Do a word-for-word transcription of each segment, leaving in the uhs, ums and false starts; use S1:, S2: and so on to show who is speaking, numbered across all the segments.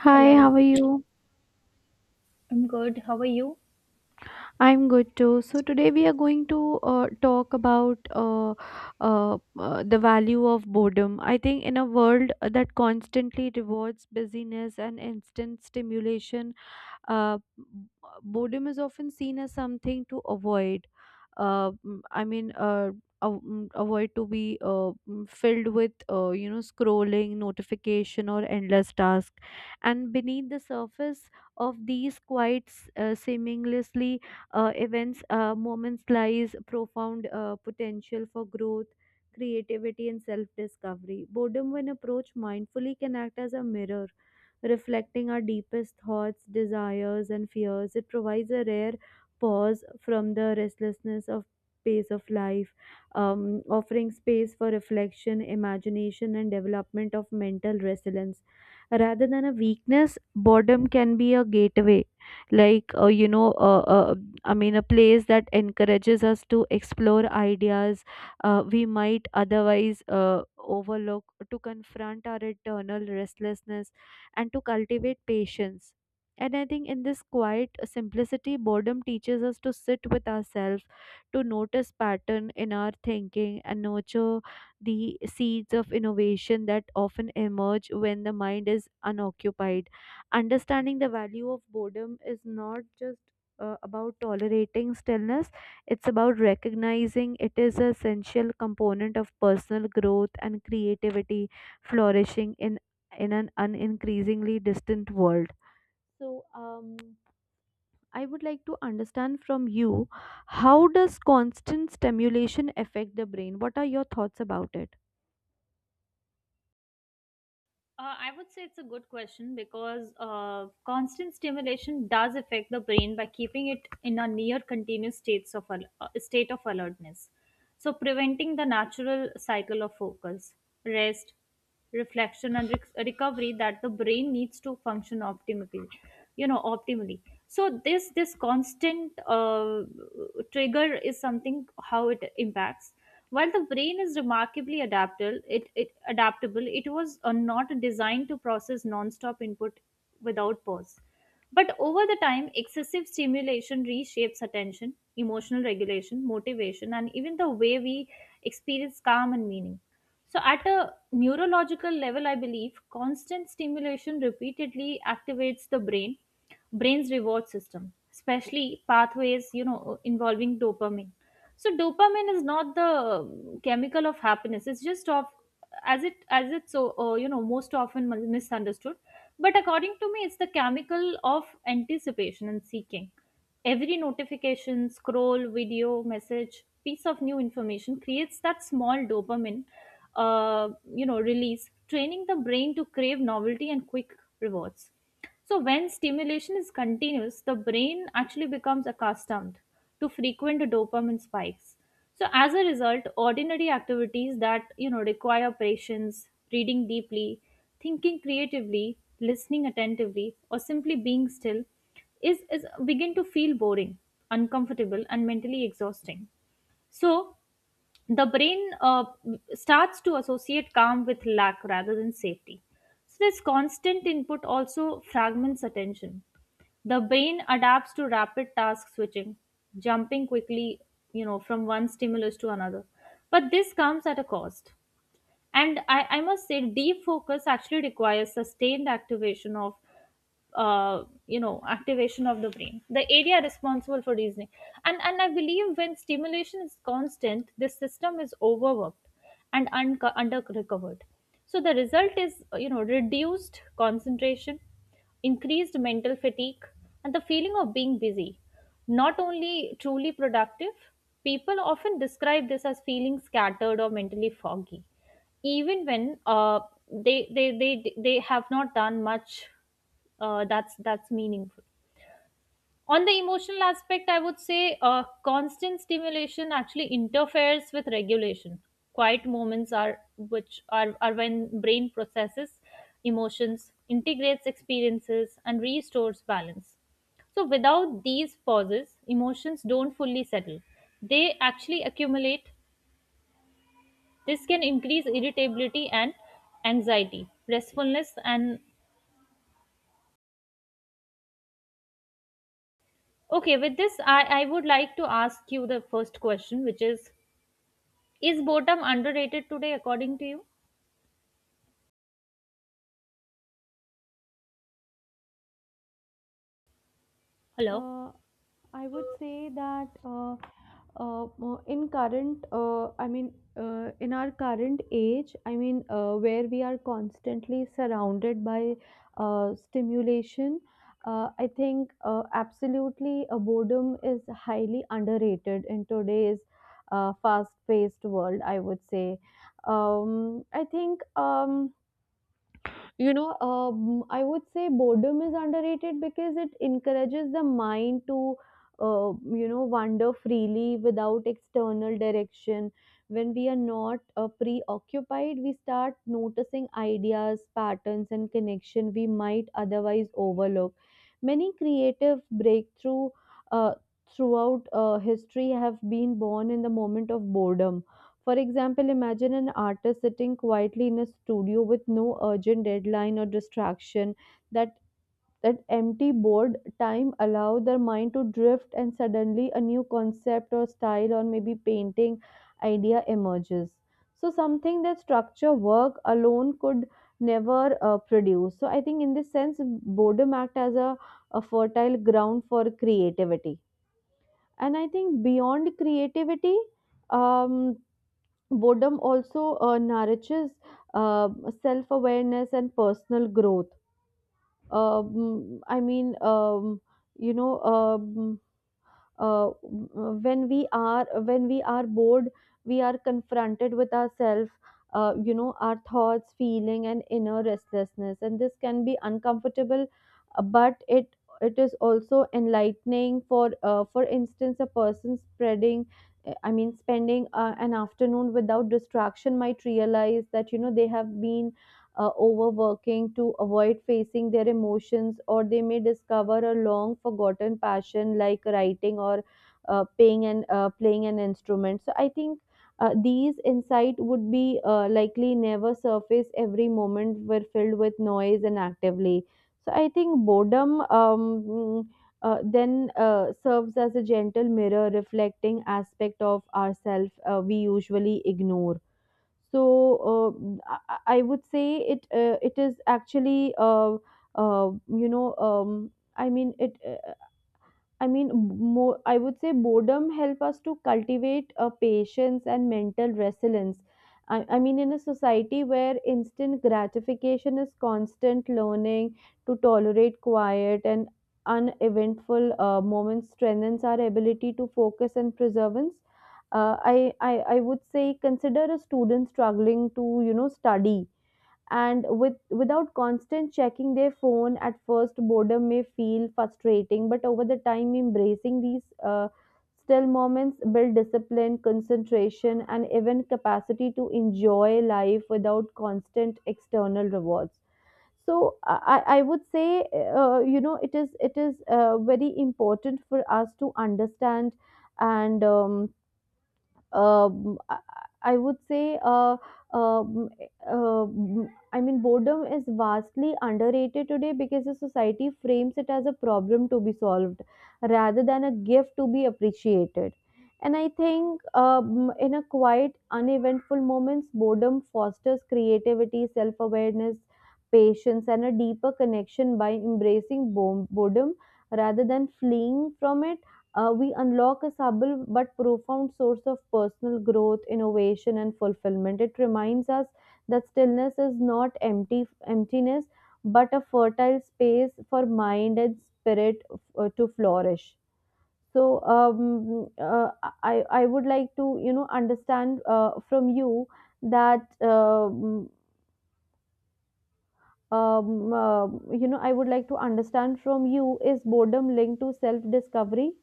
S1: Hi, how
S2: Hello,
S1: are you?
S2: I'm good. How are you?
S1: I'm good too. So today we are going to uh, talk about uh, uh, uh, the value of boredom. I think in a world that constantly rewards busyness and instant stimulation, Uh, b- boredom is often seen as something to avoid. Uh, mm, I mean, uh, av- mm, avoid to be uh, mm, filled with uh, you know scrolling, notification, or endless task. And beneath the surface of these quite s- uh, seamlessly uh, events, uh, moments lies profound uh, potential for growth creativity and self discovery. Boredom, when approached mindfully, can act as a mirror, reflecting our deepest thoughts, desires, and fears. It provides a rare pause from the restlessness of pace of life, um, offering space for reflection, imagination, and development of mental resilience. Rather than a weakness, boredom can be a gateway, like uh, you know, uh, uh, I mean, a place that encourages us to explore ideas uh, we might otherwise uh, overlook, to confront our internal restlessness and to cultivate patience. And I think in this quiet simplicity, boredom teaches us to sit with ourselves, to notice pattern in our thinking, and nurture the seeds of innovation that often emerge when the mind is unoccupied. Understanding the value of boredom is not just uh, about tolerating stillness, it's about recognizing it is an essential component of personal growth and creativity flourishing in in an unincreasingly distant world. So, um, I would like to understand from you how does constant stimulation affect the brain? What are your thoughts about it?
S2: Uh, I would say it's a good question because uh, constant stimulation does affect the brain by keeping it in a near continuous states of al- uh, state of alertness. So preventing the natural cycle of focus, rest, reflection, and rec- recovery that the brain needs to function optimally. You know, optimally. So this this constant uh, trigger is something how it impacts. While the brain is remarkably adaptable, it, it adaptable, it was uh, not designed to process non-stop input without pause. But over the time, excessive stimulation reshapes attention, emotional regulation, motivation, and even the way we experience calm and meaning. So, at a neurological level, I believe constant stimulation repeatedly activates the brain, brain's reward system, especially pathways, you know, involving dopamine. So dopamine is not the um, chemical of happiness, it's just of as it as it's so uh, you know, most often mis- misunderstood, but according to me it's the chemical of anticipation and seeking. Every notification, scroll, video, message, piece of new information creates that small dopamine uh, you know, release, training the brain to crave novelty and quick rewards. So when stimulation is continuous, the brain actually becomes accustomed to frequent dopamine spikes. So as a result, ordinary activities that you know require patience, reading deeply, thinking creatively, listening attentively, or simply being still is, is begin to feel boring, uncomfortable, and mentally exhausting. So the brain uh, starts to associate calm with lack rather than safety. So this constant input also fragments attention. The brain adapts to rapid task switching, jumping quickly, you know, from one stimulus to another. But this comes at a cost, and I, I must say deep focus actually requires sustained activation of uh, you know activation of the brain, the area responsible for reasoning. And and I believe when stimulation is constant, this system is overworked and unco- under recovered. So the result is, you know, reduced concentration, increased mental fatigue, and the feeling of being busy, not only truly productive. People often describe this as feeling scattered or mentally foggy even when uh, they, they they they have not done much uh, that's that's meaningful. On the emotional aspect, I would say uh, constant stimulation actually interferes with regulation. Quiet moments are which are, are when brain processes emotions, integrates experiences, and restores balance. So without these pauses, emotions don't fully settle, they actually accumulate. This can increase irritability and anxiety, restfulness, and okay. With this, I, I would like to ask you the first question, which is Is boredom underrated today, according to you? Hello?
S1: Uh, I would say that uh, uh, mo- in current, uh, I mean, uh, in our current age, I mean, uh, where we are constantly surrounded by uh, stimulation, uh, I think uh, absolutely uh, boredom is highly underrated in today's uh, fast-paced world, I would say. Um, I think. Um, you know, um, I would say boredom is underrated because it encourages the mind to, uh, you know, wander freely without external direction. When we are not uh, preoccupied, we start noticing ideas, patterns, and connection we might otherwise overlook. Many creative breakthrough uh, throughout uh, history have been born in the moment of boredom for example, imagine an artist sitting quietly in a studio with no urgent deadline or distraction. That that empty board time allow their mind to drift and suddenly a new concept or style or maybe painting idea emerges. So something that structure work alone could never uh, produce. So I think in this sense, boredom act as a, a fertile ground for creativity. And I think beyond creativity, um, boredom also uh, nourishes uh, self-awareness and personal growth um, i mean um, you know um, uh, when we are when we are bored we are confronted with ourselves uh, you know our thoughts feeling and inner restlessness, and this can be uncomfortable uh, but it it is also enlightening for uh, for instance a person spreading I mean spending uh, an afternoon without distraction might realize that you know they have been uh, overworking to avoid facing their emotions, or they may discover a long forgotten passion like writing or uh, paying and uh, playing an instrument. So I think uh, these insight would be uh, likely never surface every moment were filled with noise and actively. So I think boredom um, mm, uh, then uh, serves as a gentle mirror reflecting aspect of ourself uh, we usually ignore so uh, I, I would say it uh, it is actually uh, uh, you know um, I mean it. Uh, I mean, more, I would say boredom help us to cultivate a patience and mental resilience. I, I mean, in a society where instant gratification is constant, learning to tolerate quiet and uneventful uh, moments strengthens our ability to focus and perseverance. Uh, I, I, I would say consider a student struggling to, you know, study and with without constant checking their phone at first boredom may feel frustrating but over the time embracing these uh, still moments build discipline concentration and even capacity to enjoy life without constant external rewards so i, I I would say uh, you know it is it is uh, very important for us to understand and um, um, I I would say, uh, um, um, I mean, boredom is vastly underrated today because the society frames it as a problem to be solved rather than a gift to be appreciated. And I think um, in a quiet, uneventful moments, boredom fosters creativity, self awareness, patience, and a deeper connection by embracing bo- boredom rather than fleeing from it uh, we unlock a subtle but profound source of personal growth, innovation, and fulfillment. It reminds us that stillness is not empty emptiness, but a fertile space for mind and spirit uh, to flourish. So, um, uh, I I would like to, you know, understand uh, from you that. Um, um, uh, you know, I would like to understand from you is boredom linked to self discovery?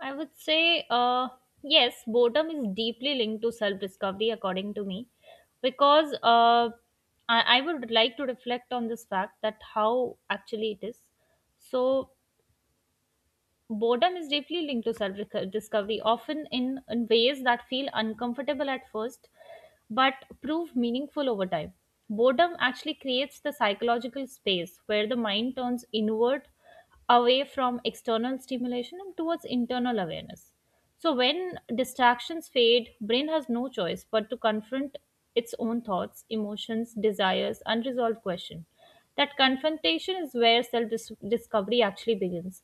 S2: I would say, uh, yes, boredom is deeply linked to self discovery, according to me, because uh, I, I would like to reflect on this fact that how actually it is. So boredom is deeply linked to self discovery, often in, in ways that feel uncomfortable at first but prove meaningful over time. Boredom actually creates the psychological space where the mind turns inward, away from external stimulation and towards internal awareness. So when distractions fade, brain has no choice but to confront its own thoughts, emotions, desires, unresolved questions. That confrontation is where self discovery actually begins.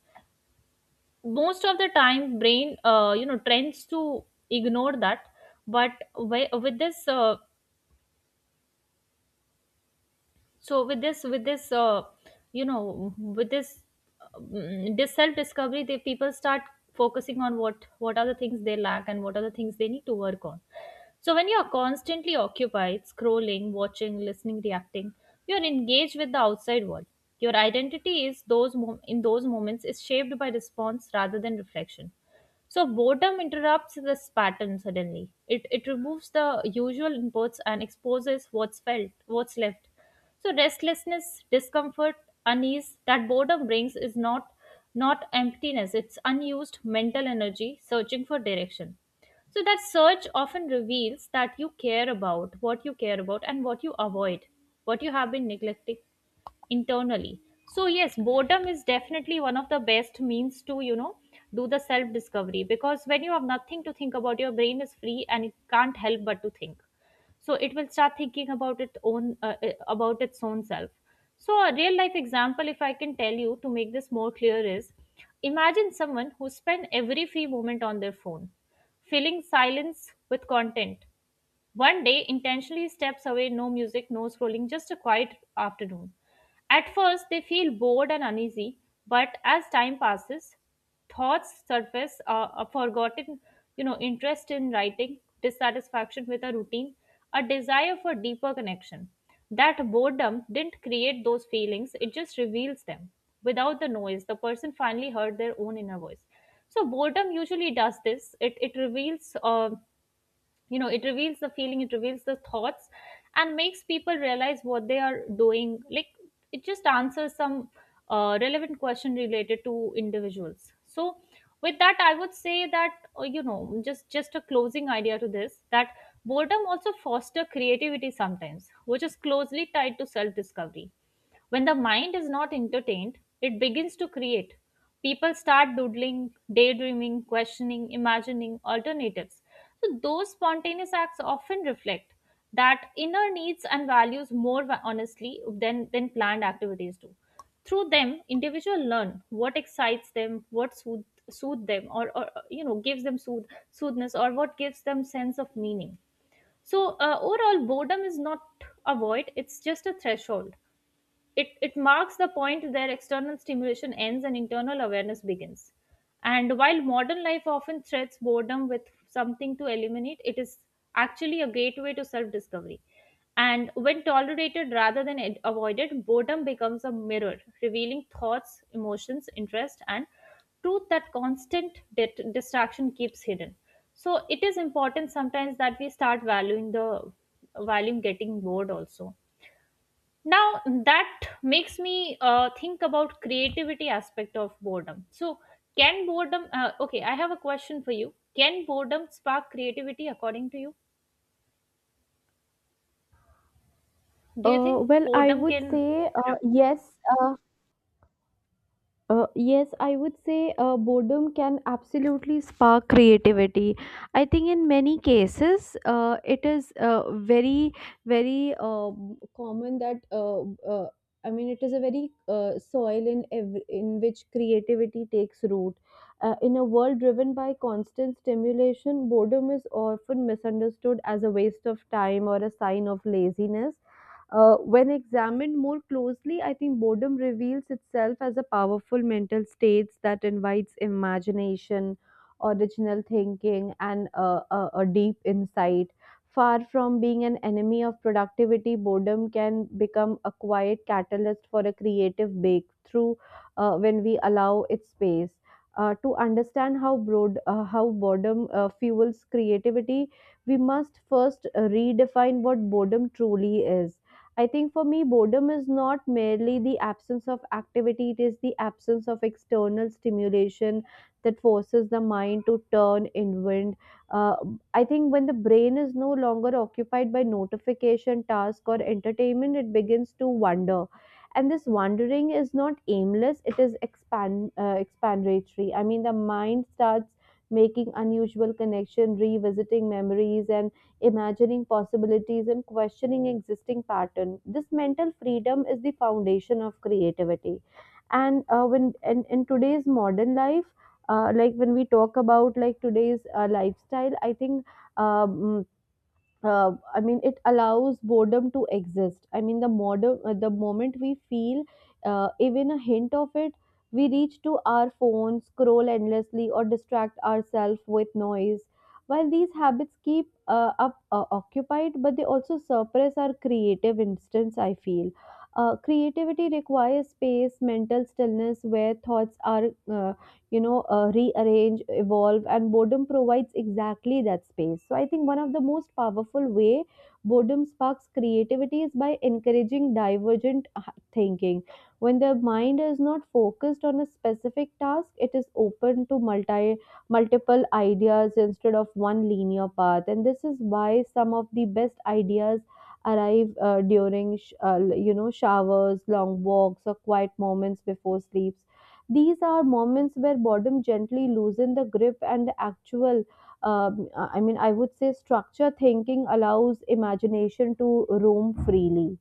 S2: Most of the time brain uh, you know tends to ignore that, but wi- with this uh, so with this with this uh, you know with this um, this self discovery, the people start focusing on what what are the things they lack and what are the things they need to work on. So when you are constantly occupied, scrolling, watching, listening, reacting, you are engaged with the outside world. Your identity is those mom- in those moments is shaped by response rather than reflection. So boredom interrupts this pattern suddenly. It it removes the usual inputs and exposes what's felt, what's left. So restlessness, discomfort, unease that boredom brings is not not emptiness. It's unused mental energy searching for direction. So that search often reveals that you care about what you care about and what you avoid, what you have been neglecting internally. So yes, boredom is definitely one of the best means to, you know, do the self discovery, because when you have nothing to think about, your brain is free and it can't help but to think. So it will start thinking about its own uh, uh, about its own self. So a real life example, if I can tell you to make this more clear, is imagine someone who spent every free moment on their phone, filling silence with content. One day, intentionally steps away, no music, no scrolling, just a quiet afternoon. At first, they feel bored and uneasy, but as time passes, thoughts surface, uh, a forgotten, you know, interest in writing, dissatisfaction with a routine, a desire for deeper connection. That boredom didn't create those feelings, it just reveals them. Without the noise, the person finally heard their own inner voice. So boredom usually does this. It, it reveals uh, you know it reveals the feeling, it reveals the thoughts and makes people realize what they are doing. Like it just answers some uh, relevant question related to individuals. So with that I would say that, uh, you know just just a closing idea to this, that boredom also foster creativity sometimes, which is closely tied to self discovery. When the mind is not entertained, it begins to create. People start doodling, daydreaming, questioning, imagining alternatives. So those spontaneous acts often reflect that inner needs and values more va- honestly than, than planned activities do. Through them, individuals learn what excites them, what soothe, soothe them, or, or uh, you know gives them soothe, soothness, or what gives them sense of meaning. So uh, overall, boredom is not a void; it's just a threshold. It, it marks the point where external stimulation ends and internal awareness begins. And while modern life often threats boredom with something to eliminate, it is actually a gateway to self discovery. And when tolerated rather than ad- avoided, boredom becomes a mirror, revealing thoughts, emotions, interest, and truth that constant dit- distraction keeps hidden. So it is important sometimes that we start valuing the valuing getting bored also. Now that makes me uh, think about creativity aspect of boredom. So can boredom uh, okay I have a question for you. Can boredom spark creativity, according to you? Do you think
S1: Uh, well, I
S2: boredom
S1: would
S2: can
S1: say uh, yes. Uh, uh, yes, I would say uh, boredom can absolutely spark creativity. I think in many cases, uh, it is uh, very, very uh, common that uh, uh, I mean, it is a very uh, soil in ev- in which creativity takes root. Uh, in a world driven by constant stimulation, boredom is often misunderstood as a waste of time or a sign of laziness uh, when examined more closely, I think boredom reveals itself as a powerful mental state that invites imagination, original thinking, and uh, a, a deep insight. Far from being an enemy of productivity, boredom can become a quiet catalyst for a creative breakthrough uh, when we allow it space. Uh, to understand how broad, uh, how boredom uh, fuels creativity, we must first uh, redefine what boredom truly is. I think for me, boredom is not merely the absence of activity, it is the absence of external stimulation that forces the mind to turn inward. Uh, I think when the brain is no longer occupied by notification, task, or entertainment, it begins to wander. And this wandering is not aimless, it is expand, uh, expandatory. I mean, the mind starts making unusual connection, revisiting memories, and imagining possibilities and questioning existing pattern this mental freedom is the foundation of creativity and uh, when and in today's modern life uh, like when we talk about like today's uh, lifestyle I think um, uh, I mean, it allows boredom to exist. I mean, the modern, uh, the moment we feel uh, even a hint of it, we reach to our phones, scroll endlessly, or distract ourselves with noise. While these habits keep uh, up uh, occupied, but they also suppress our creative instance. I feel uh, creativity requires space, mental stillness, where thoughts are uh, you know, uh, rearrange, evolve, and boredom provides exactly that space. So I think one of the most powerful way boredom sparks creativity is by encouraging divergent h- thinking. When the mind is not focused on a specific task, it is open to multi multiple ideas instead of one linear path. And this is why some of the best ideas arrive uh, during sh- uh, you know showers, long walks, or quiet moments before sleep these are moments where boredom gently loosens the grip and the actual um, I mean I would say structure thinking allows imagination to roam freely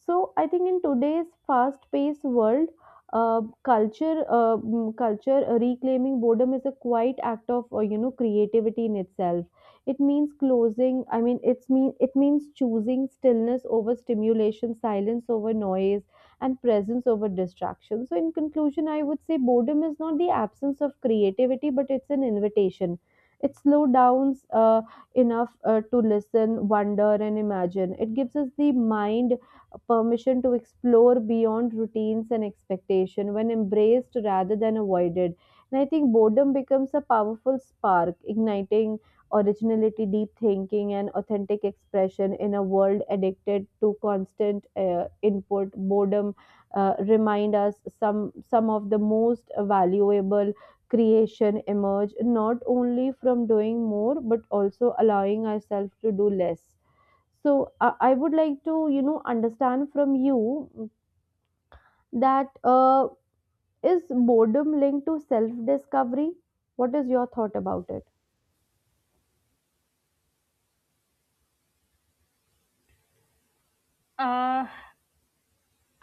S1: so I think in today's fast paced world uh, culture uh, mm, culture uh, reclaiming boredom is a quiet act of uh, you know creativity in itself it means closing i mean it's mean it means choosing stillness over stimulation silence over noise and presence over distraction so in conclusion I would say boredom is not the absence of creativity but it's an invitation it slows downs uh, enough uh, to listen wonder and imagine it gives us the mind a permission to explore beyond routines and expectation when embraced rather than avoided and I think boredom becomes a powerful spark igniting originality deep thinking and authentic expression in a world addicted to constant uh, input boredom uh, remind us some some of the most valuable creation emerge not only from doing more but also allowing ourselves to do less so I I would like to, you know, understand from you mm, that uh, is boredom linked to self-discovery? What is your thought about it?
S2: uh,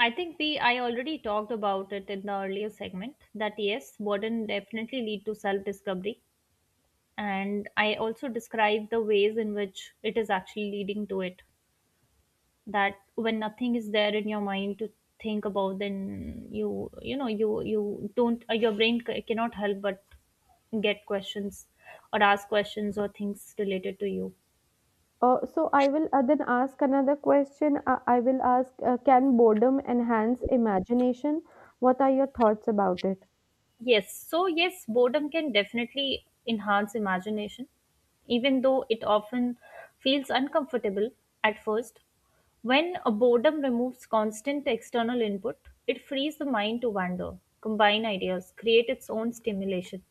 S2: I think we I already talked about it in the earlier segment, that yes, boredom definitely lead to self discovery, and I also described the ways in which it is actually leading to it, that when nothing is there in your mind to think about, then you you know you you don't uh, your brain c- cannot help but get questions or ask questions or things related to you.
S1: Uh, so I will uh, then ask another question. Uh, I will ask, uh, can boredom enhance imagination? What are your thoughts about it?
S2: Yes, so yes, boredom can definitely enhance imagination, even though it often feels uncomfortable at first. When a boredom removes constant external input, it frees the mind to wander, combine ideas, create its own stimulation.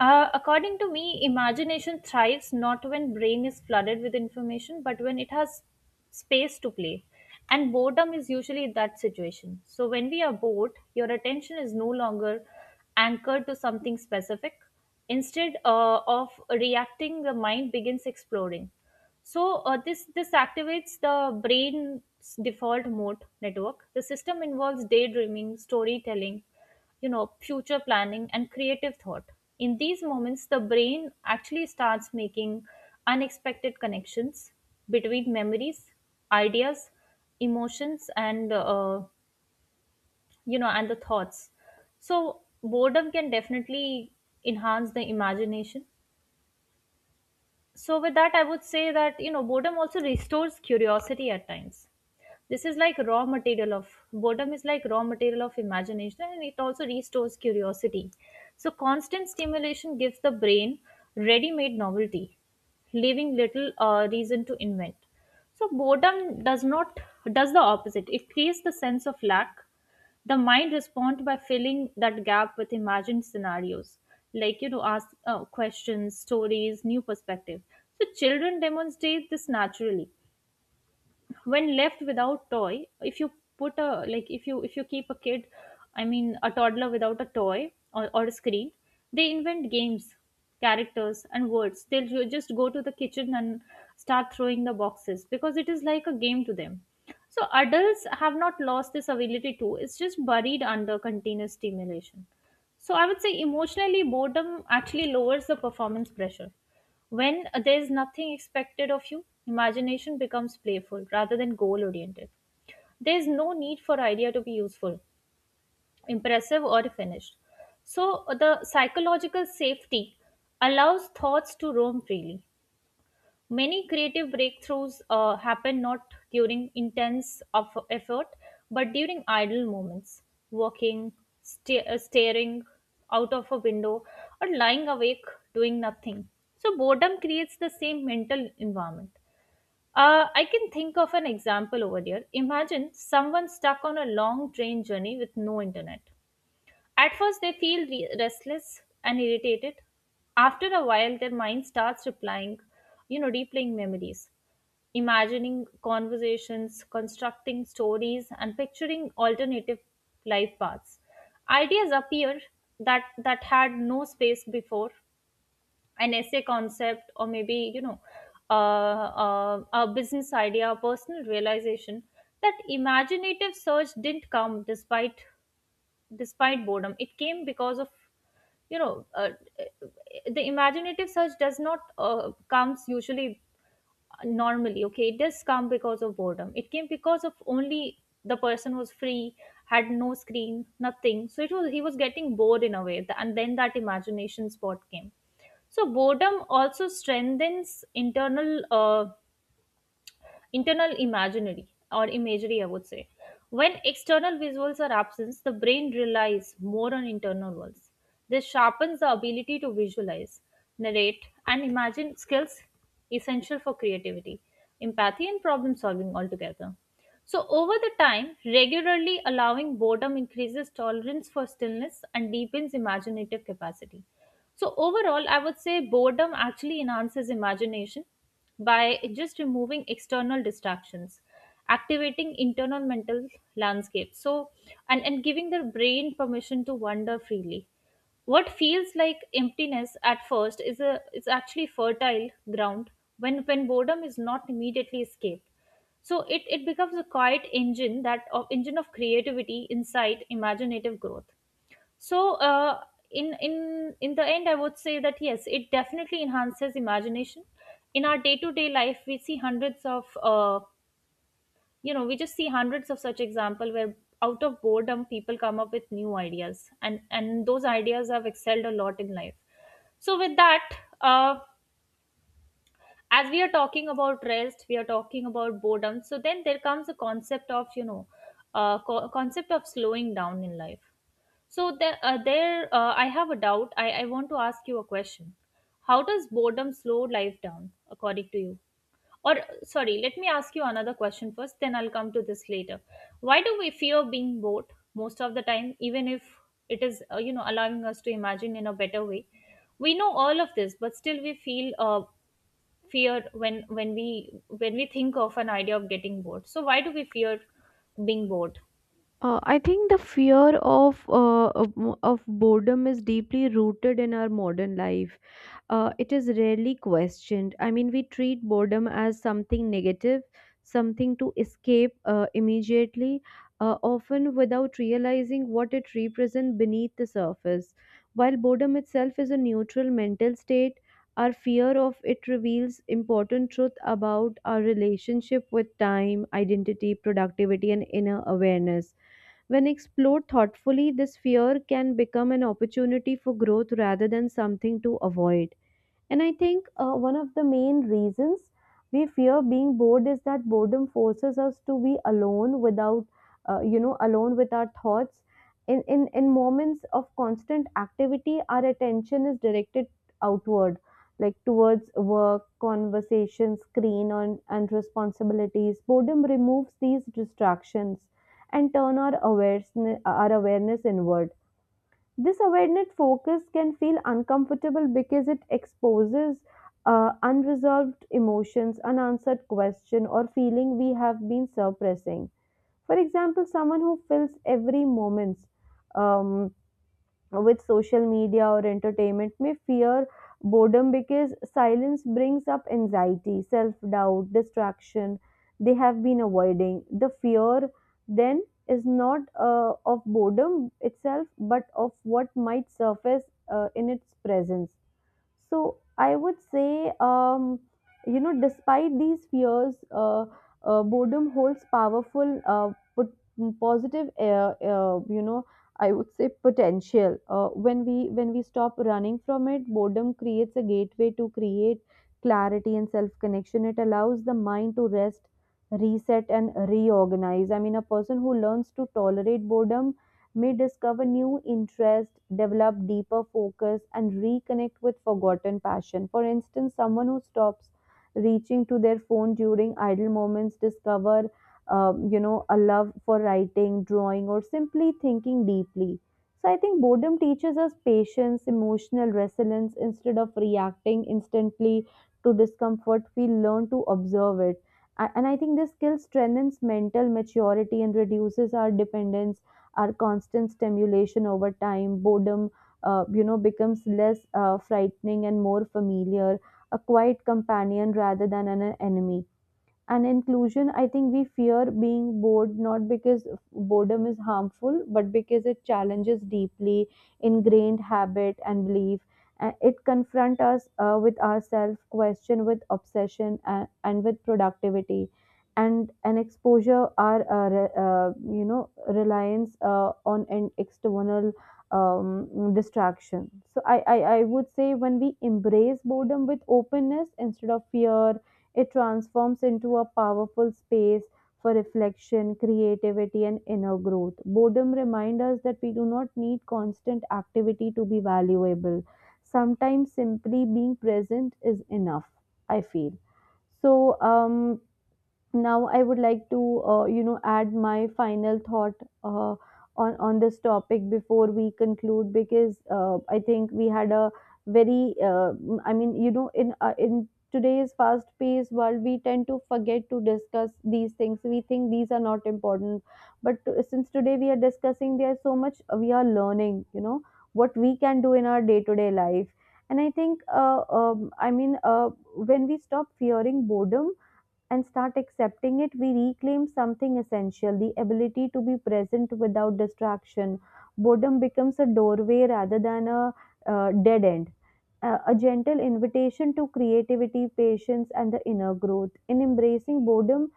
S2: Uh, according to me, imagination thrives not when brain is flooded with information, but when it has space to play. And boredom is usually that situation. So when we are bored, your attention is no longer anchored to something specific. Instead uh, of reacting, the mind begins exploring. So uh, this this activates the brain's default mode network, the system involves daydreaming, storytelling, you know, future planning, and creative thought. In these moments, the brain actually starts making unexpected connections between memories, ideas, emotions, and uh, you know, and the thoughts. So boredom can definitely enhance the imagination. So with that I would say that, you know, boredom also restores curiosity at times. This is like raw material of boredom is like raw material of imagination, and it also restores curiosity. So constant stimulation gives the brain ready made novelty, leaving little uh, reason to invent. So boredom does not, does the opposite. It creates the sense of lack. The mind responds by filling that gap with imagined scenarios like, you know, ask uh, questions, stories, new perspective. So children demonstrate this naturally. When left without toy, if you put a, like if you, if you keep a kid, I mean a toddler, without a toy, or, or a screen, they invent games, characters, and words. They'll ju- just go to the kitchen and start throwing the boxes because it is like a game to them. So adults have not lost this ability too. It's just buried under continuous stimulation. So I would say emotionally boredom actually lowers the performance pressure. When there is nothing expected of you, imagination becomes playful rather than goal oriented. There is no need for idea to be useful, impressive, or finished. So the psychological safety allows thoughts to roam freely. Many creative breakthroughs uh, happen not during intense of effort, but during idle moments, walking, sta- uh, staring out of a window, or lying awake doing nothing. So, boredom creates the same mental environment. Uh, I can think of an example over here. Imagine someone stuck on a long train journey with no internet. At first, they feel re- restless and irritated. After a while, their mind starts replying, you know, replaying memories, imagining conversations, constructing stories, and picturing alternative life paths. Ideas appear that that had no space before, an essay concept, or maybe you know, uh, uh, a business idea, a personal realization. That imaginative surge didn't come despite despite boredom. It came because of you know uh, uh, the imaginative search does not uh, comes usually normally. Okay, it does come because of boredom. It came because of only the person was free, had no screen, nothing, so it was, he was getting bored in a way, and then that imagination spot came. So boredom also strengthens internal uh, internal imaginary, or imagery, I would say. When external visuals are absent, the brain relies more on internal ones. This sharpens the ability to visualize, narrate, and imagine skills essential for creativity, empathy, and problem solving altogether. So, over the time, regularly allowing boredom increases tolerance for stillness and deepens imaginative capacity. So, overall, I would say boredom actually enhances imagination by just removing external distractions, activating internal mental landscape. So, and, and giving the brain permission to wander freely. What feels like emptiness at first is a is actually fertile ground when when boredom is not immediately escaped, so it, it becomes a quiet engine that of engine of creativity, insight, imaginative growth. So uh, in in in the end, I would say that yes, it definitely enhances imagination. In our day to day life, we see hundreds of uh, you know we just see hundreds of such example where out of boredom people come up with new ideas, and and those ideas have excelled a lot in life. So with that. Uh, as we are talking about rest, we are talking about boredom, so then there comes a concept of you know uh, co- concept of slowing down in life. So there, uh, there uh, I have a doubt. I, I want to ask you a question, how does boredom slow life down according to you? Or sorry, let me ask you another question first, then I'll come to this later. Why do we fear being bored most of the time, even if it is uh, you know allowing us to imagine in a better way? We know all of this, but still we feel uh, fear when when we when we think of an idea of getting bored. So why do we fear being bored?
S1: Uh, I think the fear of, uh, of of boredom is deeply rooted in our modern life. Uh, it is rarely questioned. I mean, we treat boredom as something negative, something to escape uh, immediately, uh, often without realizing what it represents beneath the surface. While boredom itself is a neutral mental state, our fear of it reveals important truth about our relationship with time, identity, productivity, and inner awareness. When explored thoughtfully, this fear can become an opportunity for growth rather than something to avoid. And I think uh, one of the main reasons we fear being bored is that boredom forces us to be alone without, uh, you know, alone with our thoughts. In, in, in moments of constant activity, our attention is directed outward, like towards work, conversation, screen, on, and responsibilities. Boredom removes these distractions and turn our awareness, our awareness inward. This awareness focus can feel uncomfortable because it exposes uh, unresolved emotions, unanswered question, or feeling we have been suppressing. For example, someone who fills every moment. Um, with social media or entertainment may fear boredom because silence brings up anxiety, self doubt, distraction they have been avoiding. The fear then is not uh, of boredom itself but of what might surface uh, in its presence. So I would say, um, you know, despite these fears, uh, uh, boredom holds powerful, uh, put, positive, uh, uh, you know, I would say potential. Uh, when we when we stop running from it, boredom creates a gateway to create clarity and self connection. It allows the mind to rest, reset, and reorganize. I mean, a person who learns to tolerate boredom may discover new interest, develop deeper focus, and reconnect with forgotten passion. For instance, someone who stops reaching to their phone during idle moments discover, um, you know, a love for writing, drawing, or simply thinking deeply. So I think boredom teaches us patience, emotional resilience. Instead of reacting instantly to discomfort, we learn to observe it. A- And I think this skill strengthens mental maturity and reduces our dependence our constant stimulation over time, boredom, uh, you know, becomes less uh, frightening and more familiar, a quiet companion rather than an enemy. And inclusion I think we fear being bored not because boredom is harmful but because it challenges deeply ingrained habit and belief. Uh, it confronts us uh, with ourselves question with obsession and, and with productivity and an exposure our uh, re- uh, you know reliance uh, on an external um, distraction. So I, I i would say when we embrace boredom with openness instead of fear, it transforms into a powerful space for reflection, creativity, and inner growth. Boredom reminds us that we do not need constant activity to be valuable. Sometimes simply being present is enough, I feel. So, um, now I would like to, uh, you know, add my final thought uh, on on this topic before we conclude because uh, I think we had a very, uh, I mean, you know, in uh, in today's fast-paced world, we tend to forget to discuss these things. We think these are not important, but to- since today we are discussing, there's so much we are learning. You know, what we can do in our day-to-day life. And I think, uh, um, I mean, uh, when we stop fearing boredom and start accepting it, we reclaim something essential, the ability to be present without distraction. Boredom becomes a doorway rather than a uh, dead end. Uh, a gentle invitation to creativity, patience, and the inner growth. In embracing boredom,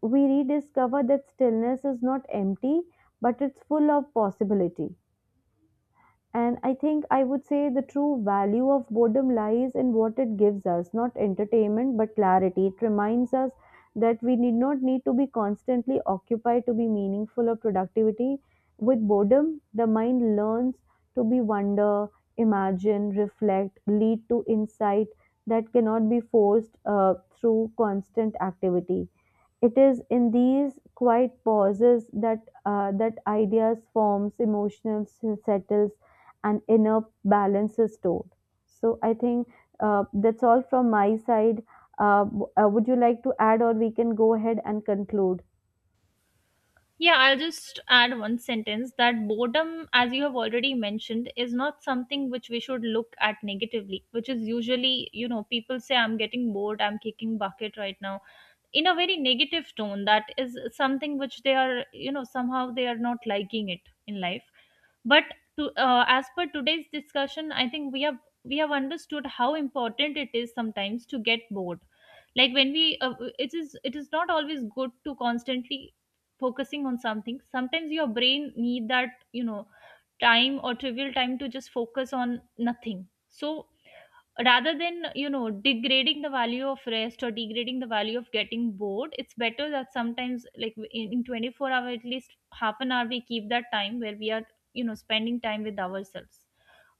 S1: we rediscover that stillness is not empty, but it's full of possibility. And I think I would say the true value of boredom lies in what it gives us, not entertainment, but clarity. It reminds us that we need not need to be constantly occupied to be meaningful or productivity. With boredom, the mind learns to be wonder, imagine, reflect, lead to insight that cannot be forced uh, through constant activity. It is in these quiet pauses that uh, that ideas forms, emotional s- settles, and inner balance is stored. So I think uh, that's all from my side. Uh, w- uh, would you like to add, or we can go ahead and conclude?
S2: Yeah, I'll just add one sentence that boredom, as you have already mentioned, is not something which we should look at negatively, which is usually, you know, people say, I'm getting bored, I'm kicking bucket right now, in a very negative tone. That is something which they are, you know, somehow they are not liking it in life. But to, uh, as per today's discussion, I think we have we have understood how important it is sometimes to get bored. Like when we, uh, it is, it is not always good to constantly focusing on something. Sometimes your brain need that, you know, time or trivial time to just focus on nothing. So rather than, you know, degrading the value of rest, or degrading the value of getting bored, it's better that sometimes, like in, in twenty-four hour at least half an hour we keep that time where we are, you know, spending time with ourselves.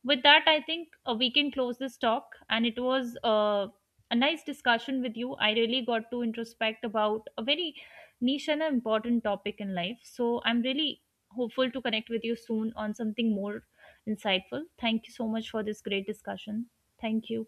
S2: With that, I think uh, we can close this talk, and it was uh, a nice discussion with you. I really got to introspect about a very niche and an important topic in life, so I'm really hopeful to connect with you soon on something more insightful. Thank you so much for this great discussion. Thank you.